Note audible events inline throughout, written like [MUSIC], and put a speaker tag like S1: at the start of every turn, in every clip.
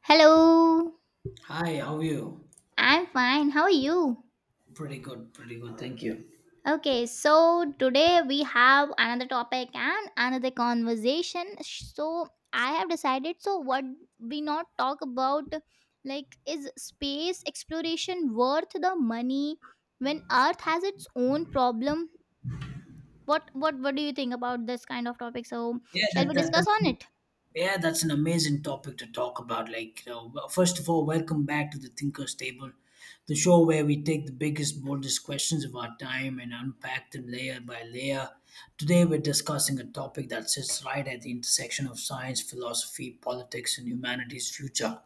S1: Hello,
S2: Hi, how are you?
S1: I'm fine. How are you?
S2: Pretty good, pretty good. Thank you.
S1: Okay, so today we have another topic and another conversation. So I have decided. So what we not talk about, like, is space exploration worth the money when Earth has its own problem? What do you think about this kind of topic? So
S2: Yeah,
S1: shall
S2: that,
S1: we
S2: that,
S1: discuss on
S2: that's
S1: it?
S2: yeah, that's an amazing topic to talk about. Like, you know, well, first of all, welcome back to the Thinkers Table, the show where we take the biggest, boldest questions of our time and unpack them layer by layer. Today, we're discussing a topic that sits right at the intersection of science, philosophy, politics, and humanity's future.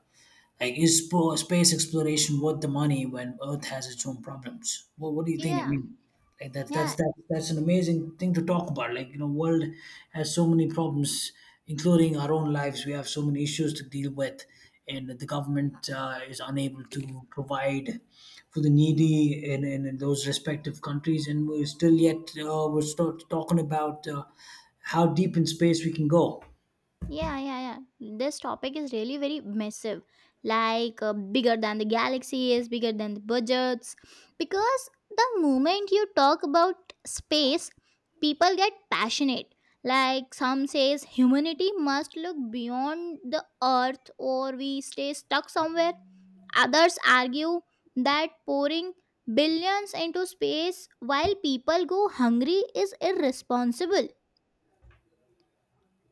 S2: Like, is space exploration worth the money when Earth has its own problems? Well, what do you think? I
S1: Yeah,
S2: mean, like that, that's
S1: yeah.
S2: that, that's an amazing thing to talk about. Like, you know, world has so many problems, including our own lives. We have so many issues to deal with, and the government is unable to provide for the needy in those respective countries, and we're still yet we're still talking about how deep in space we can go.
S1: Yeah, yeah, yeah. This topic is really very massive. Like bigger than the galaxy is, bigger than the budgets. Because the moment you talk about space, people get passionate. Like some says humanity must look beyond the earth or we stay stuck somewhere. Others argue that pouring billions into space while people go hungry is irresponsible.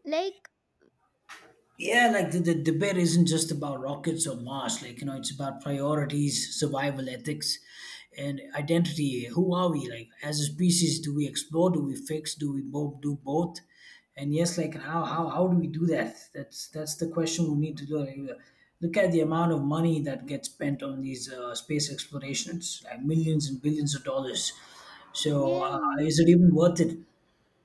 S1: Like
S2: Yeah, like the debate isn't just about rockets or Mars. Like, you know, it's about priorities, survival ethics, and identity. Who are we? Like, as a species, do we explore? Do we fix? Do we both do both? And yes, like, how do we do that? That's the question we need to do. Like, look at the amount of money that gets spent on these space explorations, like millions and billions of dollars. So,
S1: yeah.
S2: is it even worth it?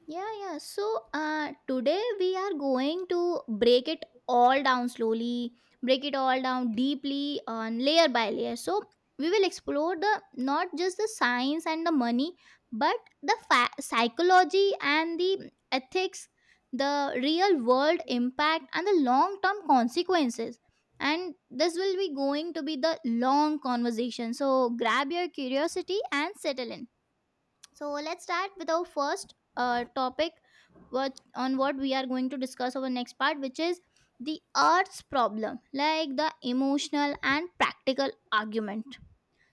S1: Yeah, yeah. So today we are going to break it all down slowly, break it all down deeply, on layer by layer. So we will explore the not just the science and the money, but the psychology and the ethics, the real world impact and the long term consequences. And this will be going to be the long conversation. So grab your curiosity and settle in. So let's start with our first topic what on what we are going to discuss our next part, which is the earth's problem like the emotional and practical argument.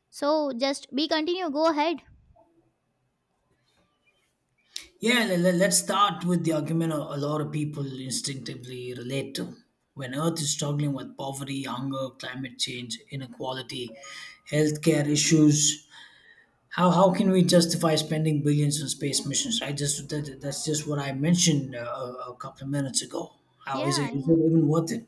S1: So just be continue go ahead.
S2: Yeah, let's start with the argument a lot of people instinctively relate to. When Earth is struggling with poverty, hunger, climate change, inequality, healthcare issues, how can we justify spending billions on space missions? That's just what I mentioned a couple of minutes ago. How
S1: Yeah,
S2: is
S1: yeah.
S2: it even worth it?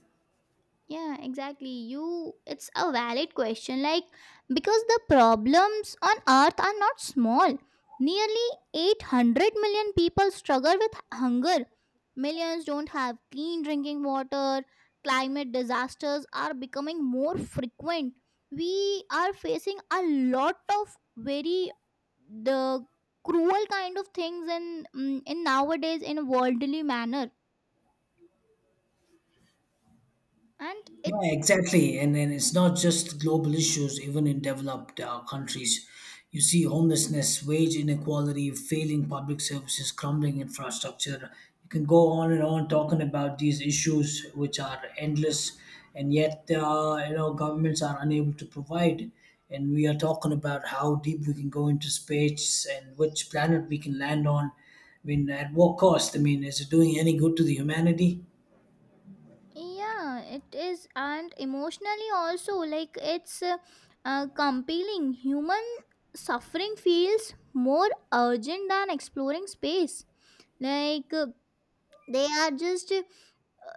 S1: Yeah, exactly. You it's a valid question like because the problems on earth are not small. Nearly 800 million people struggle with hunger. Millions don't have clean drinking water. Climate disasters are becoming more frequent. We are facing a lot of very the cruel kind of things in in nowadays in worldly manner, and it
S2: Yeah, exactly. And then it's not just global issues, even in developed countries. You see homelessness, wage inequality, failing public services, crumbling infrastructure. You can go on and on talking about these issues, which are endless, and yet you know governments are unable to provide. And we are talking about how deep we can go into space and which planet we can land on. I mean, at what cost? I mean, is it doing any good to the humanity?
S1: yeah it is. And emotionally also like it's compelling human suffering feels more urgent than exploring space, like they are just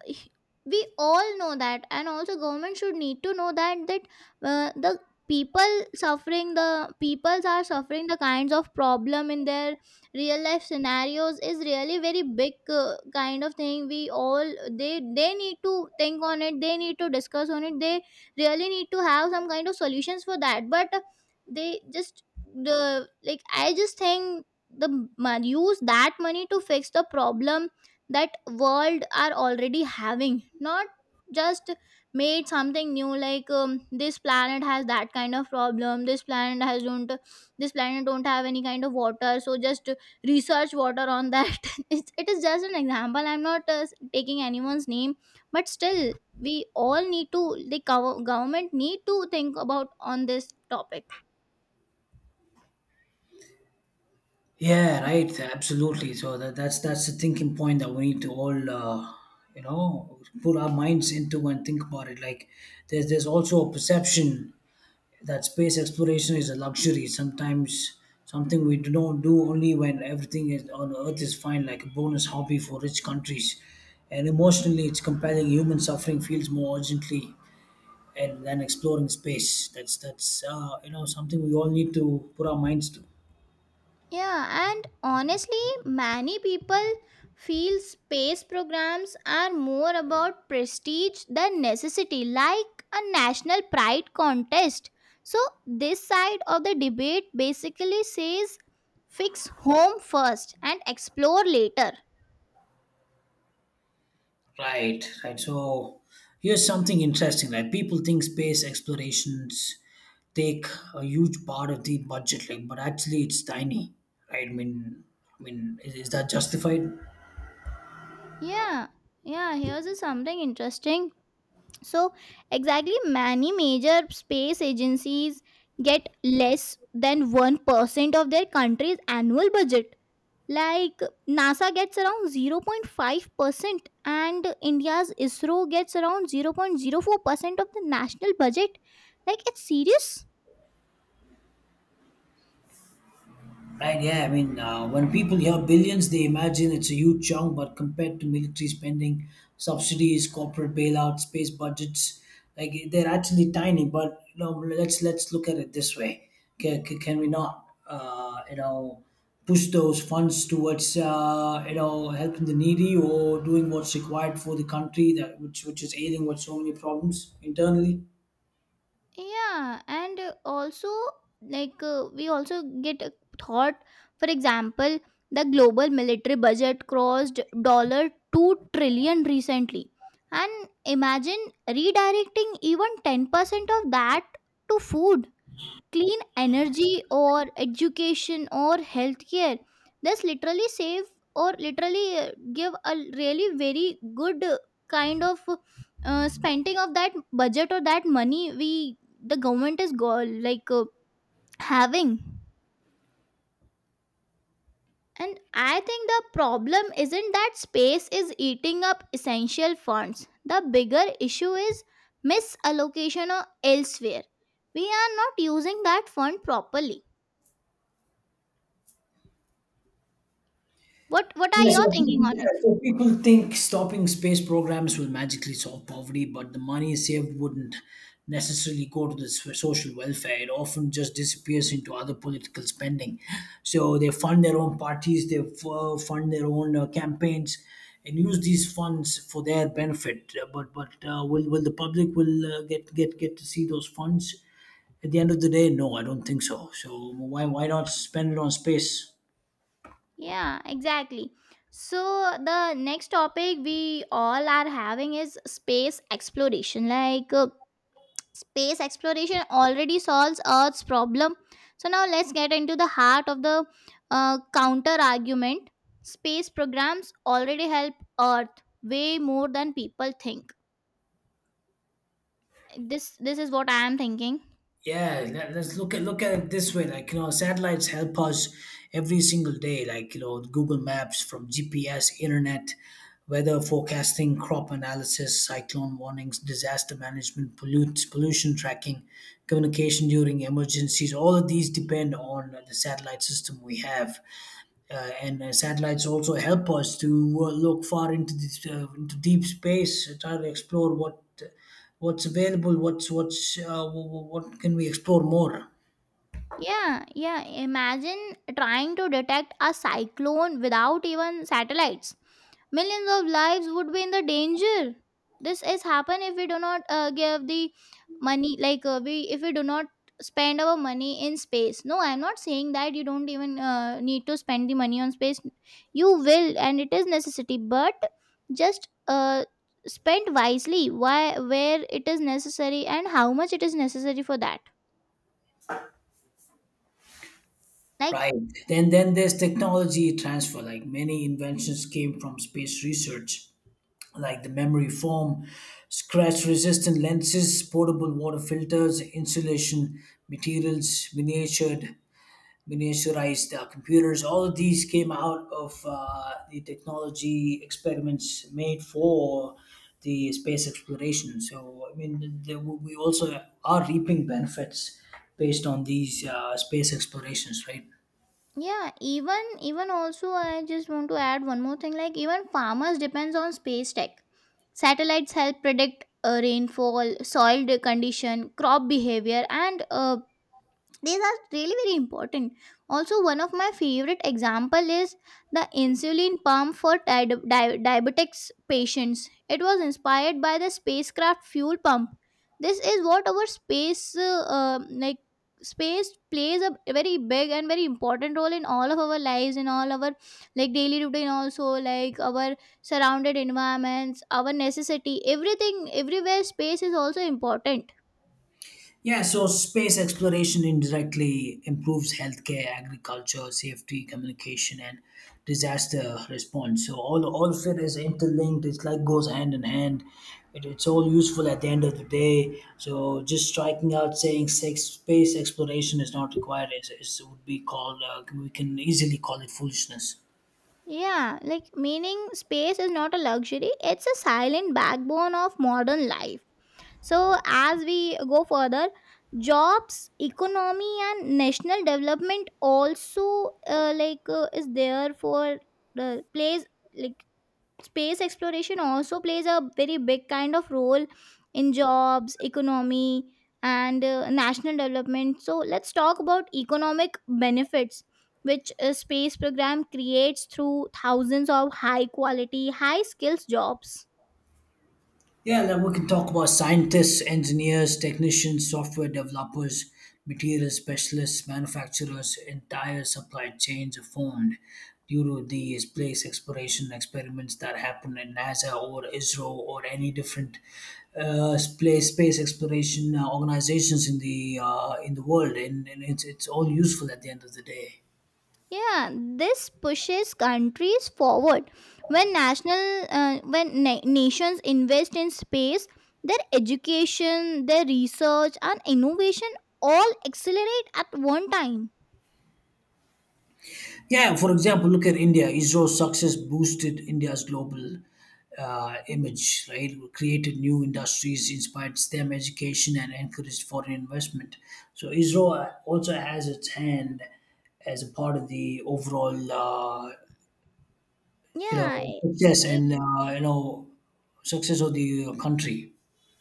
S1: h- we all know that, and also government should need to know that that the people suffering the peoples are suffering the kinds of problem in their real life scenarios is really very big kind of thing we all they need to think on it, they need to discuss on it, they really need to have some kind of solutions for that, but they just the like I just think the use that money to fix the problem that world are already having, not just made something new like this planet has that kind of problem, this planet has don't this planet don't have any kind of water, so just research water on that [LAUGHS] it's, it is just an example. I'm not taking anyone's name, but still we all need to the government need to think about on this topic.
S2: Yeah, right. Absolutely. So that's the thinking point that we need to all, you know, put our minds into and think about it. Like, there's also a perception that space exploration is a luxury. Sometimes something we don't do only when everything is on Earth is fine, like a bonus hobby for rich countries. And emotionally, it's compelling. Human suffering feels more urgently, and than exploring space. That's you know something we all need to put our minds to.
S1: Yeah, and honestly, many people feel space programs are more about prestige than necessity, like a national pride contest. So this side of the debate basically says fix home first and explore later.
S2: Right, right. So here's something interesting. Like people think space explorations take a huge part of the budget, like, but actually it's tiny. Right? I mean, is that justified?
S1: Yeah, yeah, here's a something interesting. So exactly, many major space agencies get less than 1% of their country's annual budget. Like NASA gets around 0.5% and India's ISRO gets around 0.04% of the national budget. Like it's serious.
S2: Right, yeah. I mean, when people hear billions, they imagine it's a huge chunk, but compared to military spending, subsidies, corporate bailouts, space budgets, like they're actually tiny. But you know, let's look at it this way: can we not, you know, push those funds towards you know helping the needy or doing what's required for the country that which is ailing with so many problems internally?
S1: Yeah, and also like we also get a thought, for example, the global military budget crossed $2 trillion recently, and imagine redirecting even 10% of that to food, clean energy or education or healthcare, this literally save or literally give a really very good kind of spending of that budget or that money we the government is like having. And I think the problem isn't that space is eating up essential funds, the bigger issue is misallocation or elsewhere, we are not using that fund properly. What are your thinking on it?
S2: Yeah, so people think stopping space programs will magically solve poverty, but the money saved wouldn't necessarily go to the social welfare. It often just disappears into other political spending. So they fund their own parties, they fund their own campaigns, and use these funds for their benefit. But will the public will get to see those funds? At the end of the day, no, I don't think so. So why not spend it on space?
S1: Yeah, exactly. So the next topic we all are having is space exploration. Like space exploration already solves Earth's problem. So now let's get into the heart of the counter argument. Space programs already help Earth way more than people think. This is what I am thinking.
S2: Yeah, let's look at it this way. Like you know, satellites help us every single day. Like you know, Google Maps, from GPS, internet, weather forecasting, crop analysis, cyclone warnings, disaster management, pollute pollution tracking, communication during emergencies. All of these depend on the satellite system we have. And satellites also help us to look far into this, into deep space, try to explore what what's available what can we explore more.
S1: Yeah, yeah. Imagine trying to detect a cyclone without even satellites. Millions of lives would be in the danger. This is happen if we do not give the money, like we if we do not spend our money in space. No, I'm not saying that you don't even need to spend the money on space. You will, and it is necessity. But just spend wisely. Why, where it is necessary, and how much it is necessary for that. Like
S2: Right. Then there's technology transfer. Like many inventions came from space research, like the memory foam, scratch resistant lenses, portable water filters, insulation materials, miniatured miniaturized computers. All of these came out of the technology experiments made for the space exploration. So, I mean, there, we also are reaping benefits based on these space explorations, right?
S1: yeah, even even also I just want to add one more thing, like even farmers depends on space tech. Satellites help predict rainfall, soil condition, crop behavior, and these are really very important. Also one of my favorite example is the insulin pump for diabetics patients, it was inspired by the spacecraft fuel pump. This is what our space like space plays a very big and very important role in all of our lives, in all our like daily routine also, like our surrounded environments, our necessity, everything, everywhere space is also important.
S2: Yeah, so space exploration indirectly improves healthcare, agriculture, safety, communication, and disaster response. So all of it is interlinked. It's like goes hand in hand. It's all useful at the end of the day. So just striking out saying space exploration is not required is would be called we can easily call it foolishness.
S1: Yeah, like meaning space is not a luxury, it's a silent backbone of modern life. So as we go further, jobs, economy, and national development also like is there for the place, like space exploration also plays a very big kind of role in jobs, economy, and national development. So let's talk about economic benefits which a space program creates through thousands of high quality, high skills jobs.
S2: Yeah, then we can talk about scientists, engineers, technicians, software developers, material specialists, manufacturers, entire supply chains are formed due to the space exploration experiments that happen in NASA or ISRO or any different space exploration organizations in the world, and it's all useful at the end of the day.
S1: Yeah, this pushes countries forward. When national when nations invest in space, their education, their research and innovation all accelerate at one time.
S2: Yeah, for example, look at India. ISRO's success boosted India's global image, right? Created new industries, inspired STEM education, and encouraged foreign investment. So ISRO also has its hand as a part of the overall, you
S1: Yeah,
S2: know, success and
S1: e-
S2: you know, success of the country.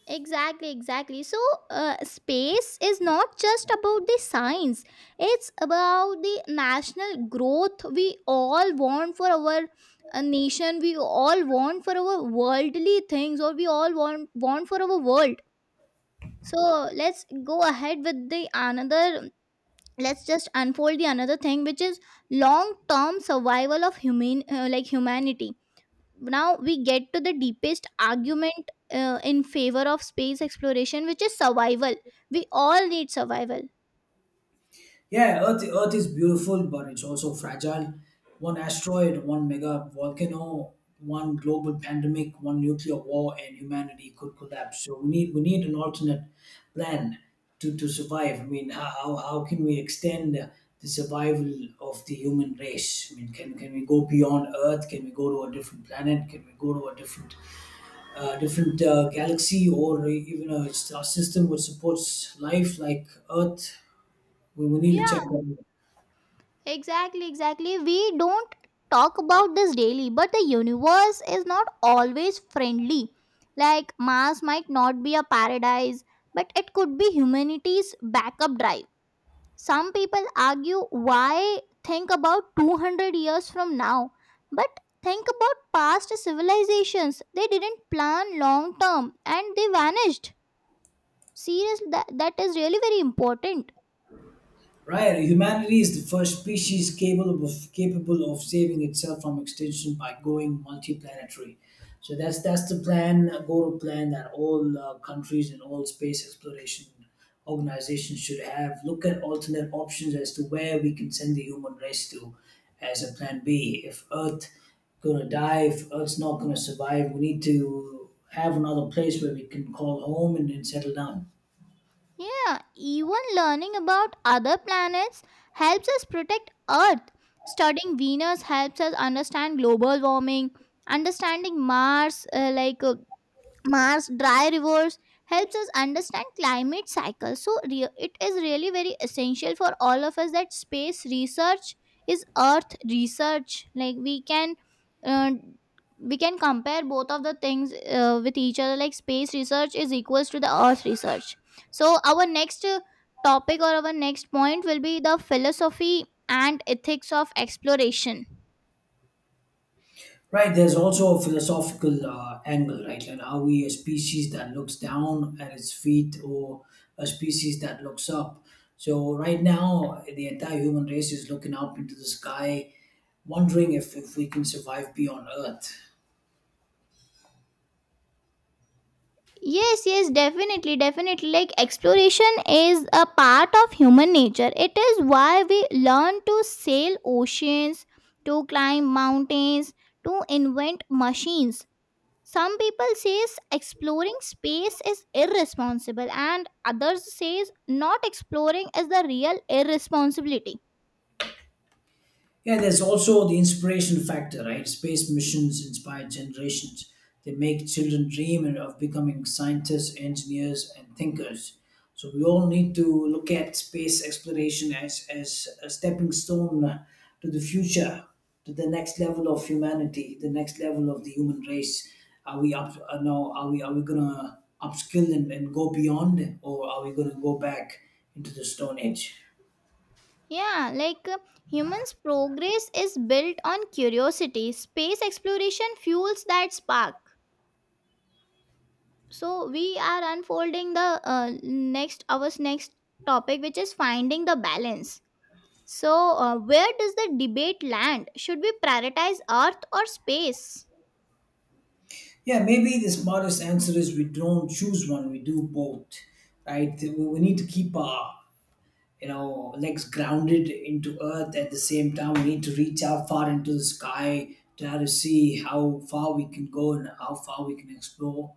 S1: exactly, exactly. So space is not just about the science, it's about the national growth we all want for our nation, we all want for our worldly things, or we all want for our world. So let's go ahead with the another. Let's just unfold the another thing, which is long-term survival of human, like humanity. Now we get to the deepest argument in favor of space exploration which is survival. We all need survival.
S2: Yeah, Earth is beautiful, but it's also fragile. One asteroid, one mega volcano, one global pandemic, one nuclear war, and humanity could collapse. So we need an alternate plan to survive. I mean, how can we extend the survival of the human race? I mean, can we go beyond Earth? Can we go to a different planet? Can we go to a different galaxy or even a star system which supports life like Earth? We need to check
S1: Yeah,
S2: that.
S1: exactly, exactly. We don't talk about this daily, but the universe is not always friendly. Like, Mars might not be a paradise, but it could be humanity's backup drive. Some people argue why think about 200 years from now, but think about past civilizations. They didn't plan long term and they vanished. Seriously, that, that is really very important.
S2: Right, humanity is the first species capable of saving itself from extinction by going multiplanetary. So that's the plan, go plan that all countries and all space exploration organizations should have. Look at alternate options as to where we can send the human race to, as a plan B. If Earth gonna die, if Earth's not gonna survive, we need to have another place where we can call home and then settle down.
S1: Yeah, even learning about other planets helps us protect Earth. Studying Venus helps us understand global warming. Understanding Mars, like Mars dry rivers helps us understand climate cycles. So it is really very essential for all of us that space research is Earth research. Like we can. Uh, we can compare both of the things with each other, like space research is equals to the earth research. So our next topic or our next point will be the philosophy and ethics of exploration.
S2: Right, there's also a philosophical angle, right? Like, are we a species that looks down at its feet or a species that looks up? So, right now, the entire human race is looking up into the sky, wondering if we can survive beyond Earth.
S1: Yes, yes, definitely, definitely. Like exploration is a part of human nature. It is why we learn to sail oceans, to climb mountains, to invent machines. Some people says exploring space is irresponsible and others says not exploring is the real irresponsibility.
S2: Yeah, there's also the inspiration factor, right? Space missions inspire generations. They make children dream of becoming scientists, engineers, and thinkers. So we all need to look at space exploration as a stepping stone to the future, to the next level of humanity, the next level of the human race. Are we up? No, are we gonna upskill and go beyond, or are we gonna go back into the Stone Age?
S1: Yeah, like humans progress is built on curiosity, space exploration fuels that spark. So we are unfolding the next our next topic which is finding the balance. So where does the debate land, should we prioritize earth or space?
S2: Yeah, maybe this modest answer is we don't choose one, we do both, right? We need to keep our you know legs grounded into earth at the same time. We need to reach out far into the sky, try to see how far we can go and how far we can explore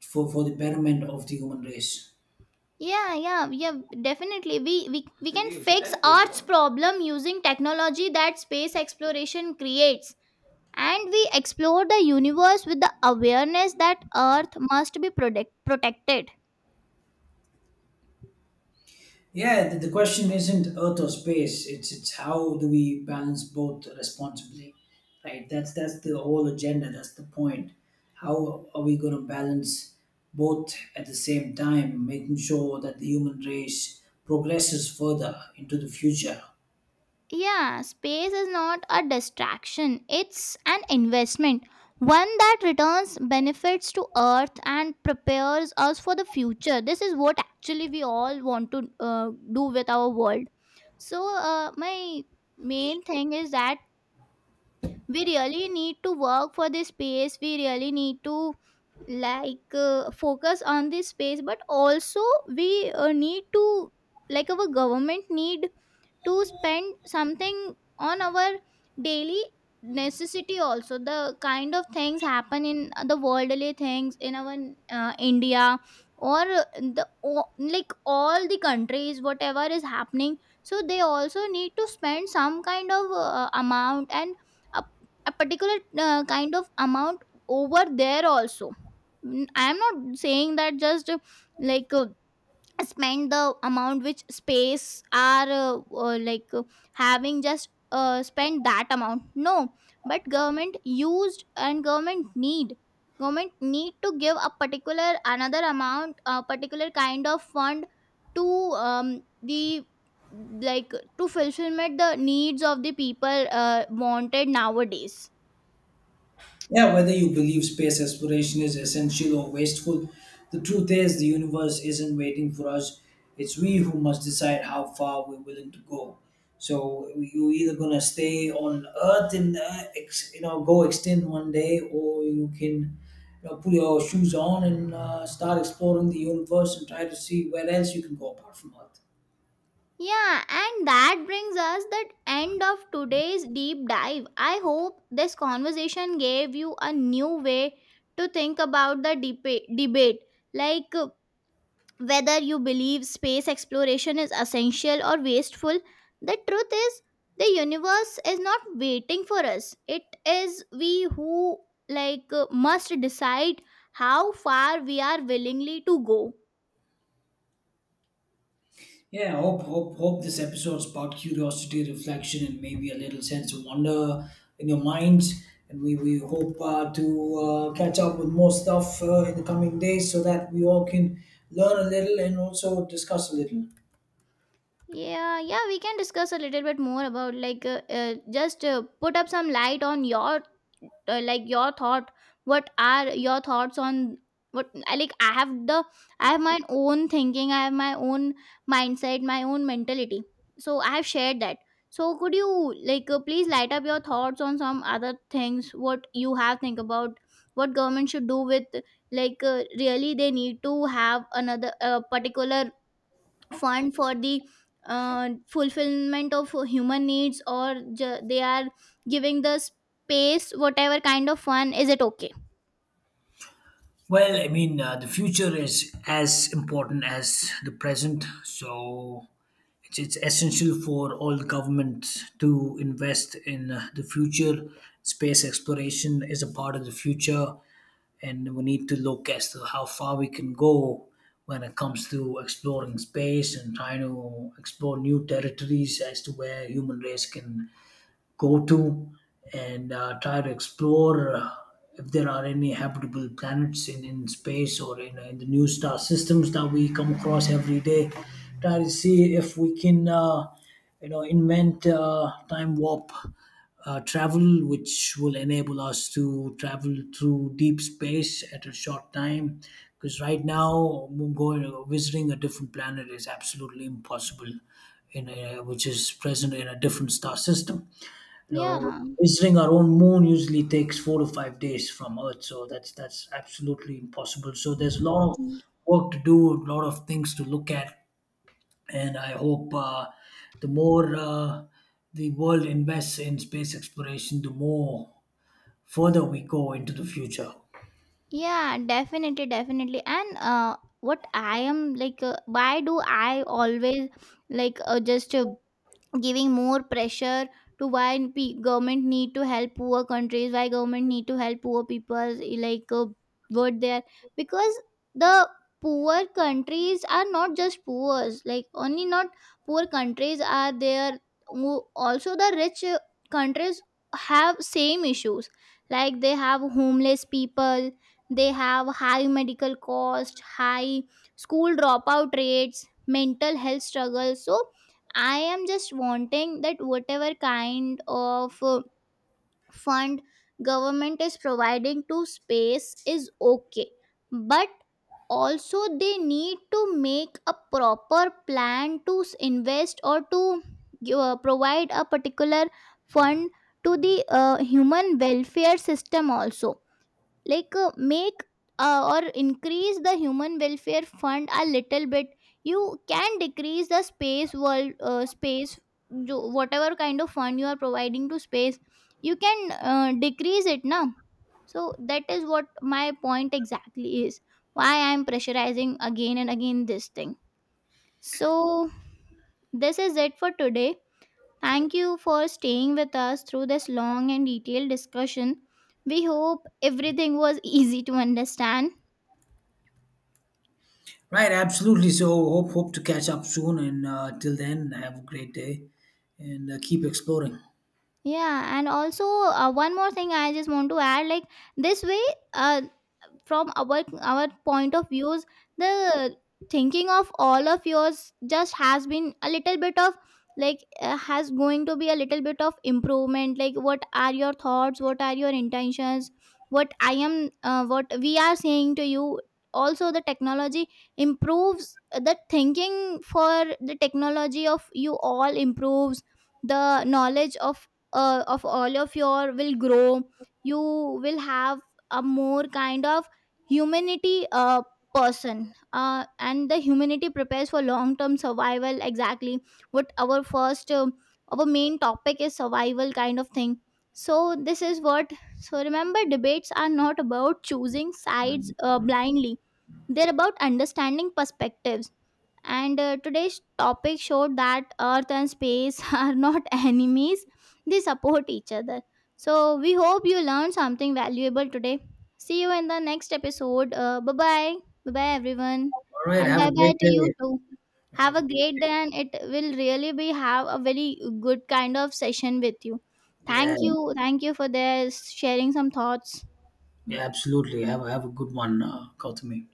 S2: for the betterment of the human race.
S1: Yeah, yeah, yeah, definitely. We can Leaves fix that arts problem, problem using technology that space exploration creates, and we explore the universe with the awareness that earth must be protected.
S2: Yeah, the question isn't Earth or space. It's how do we balance both responsibly, right? That's the whole agenda. That's the point. How are we going to balance both at the same time, making sure that the human race progresses further into the future?
S1: Yeah, space is not a distraction, it's an investment. One that returns benefits to Earth and prepares us for the future. This is what actually we all want to do with our world. So my main thing is that we really need to work for this space, we really need to like focus on this space, but also we need to like our government need to spend something on our daily necessity, also the kind of things happen in the worldly things in our India or the like all the countries whatever is happening, so they also need to spend some kind of amount and a, a particular kind of amount over there also. I am not saying that just like spend the amount which space are like having, just spend that amount, no. But government used and government need to give a particular another amount, a particular kind of fund to the like to fulfillment the needs of the people wanted nowadays.
S2: Yeah, whether you believe space exploration is essential or wasteful, the truth is the universe isn't waiting for us. It's we who must decide how far we're willing to go. So you're either gonna stay on Earth and you know go extinct one day, or you can you know put your shoes on and start exploring the universe and try to see where else you can go apart from Earth.
S1: Yeah, and that brings us the end of today's deep dive. I hope this conversation gave you a new way to think about the debate, like uh, whether you believe space exploration is essential or wasteful. The truth is, the universe is not waiting for us. It is we who must decide how far we are willingly to go.
S2: Yeah, I hope this episode sparked curiosity, reflection, and maybe a little sense of wonder in your minds. And we hope to catch up with more stuff in the coming days so that we all can learn a little and also discuss a little.
S1: Yeah, yeah, we can discuss a little bit more about like just put up some light on your like your thought. What are your thoughts on what I have the I have my own thinking, I have my own mindset, my own mentality. So I have shared that. So could you please light up your thoughts on some other things what you have think about what government should do with really they need to have another particular fund for the fulfillment of human needs or they are giving the space whatever kind of fun is it okay?
S2: Well, I mean, the future is as important as the present, so it's essential for all governments to invest in the future. Space exploration is a part of the future, and we need to look as to how far we can go when it comes to exploring space and trying to explore new territories as to where human race can go to and try to explore if there are any habitable planets in space or in the new star systems that we come across every day. Try to see if we can, you know, invent time warp travel, which will enable us to travel through deep space at a short time. Because right now, going visiting a different planet is absolutely impossible, in a, which is present in a different star system. You know,
S1: Yeah.
S2: visiting our own moon usually takes 4 to 5 days from Earth, so that's absolutely impossible. So there's a lot of
S1: Y-
S2: work to do, a lot of things to look at, and I hope the more uh, the world invests in space exploration, the more further we go into the future.
S1: yeah, definitely and what I am why do I always like just giving more pressure to why government need to help poor countries, why government need to help poor people. What they are, because the poor countries are not just poor, like only not poor countries are there. Also the rich countries have same issues, like they have homeless people, they have high medical cost, high school dropout rates, mental health struggles. So I am just wanting that whatever kind of fund government is providing to space is okay, but also they need to make a proper plan to invest or to provide a particular fund to the human welfare system also. Make or increase the human welfare fund a little bit. You can decrease the space world, space whatever kind of fund you are providing to space, you can decrease it now. So that is what my point exactly is, why I'm pressurizing again and again this thing. So this is it for today. Thank you for staying with us through this long and detailed discussion. We hope everything was [LAUGHS] easy to understand.
S2: Right, absolutely. So hope to catch up soon, and till then, have a great day, and keep exploring.
S1: Yeah, and also one more thing I just want to add, like this way, uh, from our point of views, the thinking of all of yours just has been a little bit of, has going to be a little bit of improvement. Like, what are your thoughts, what are your intentions, what I am what we are saying to you. Also the technology improves, the thinking for the technology of you all improves, the knowledge of all of your will grow. You will have a more kind of humanity person, and the humanity prepares for long term survival, exactly what our first our main topic is, survival kind of thing. So this is what. So remember, debates are not about choosing sides blindly, they're about understanding perspectives, and today's topic showed that Earth and space [LAUGHS] are not enemies, they support each other. So, we hope you learned something valuable today. See you in the next episode. Bye bye. Bye bye, everyone.
S2: All right,
S1: And
S2: have
S1: bye
S2: a
S1: bye
S2: great
S1: to you
S2: day.
S1: too. Have
S2: Have
S1: a
S2: a great
S1: great day, and it will really be, have a very good kind of session with you.
S2: day. Yeah.
S1: Thank you. Thank you for this sharing some thoughts.
S2: Yeah, absolutely. Have a good one, Gautami.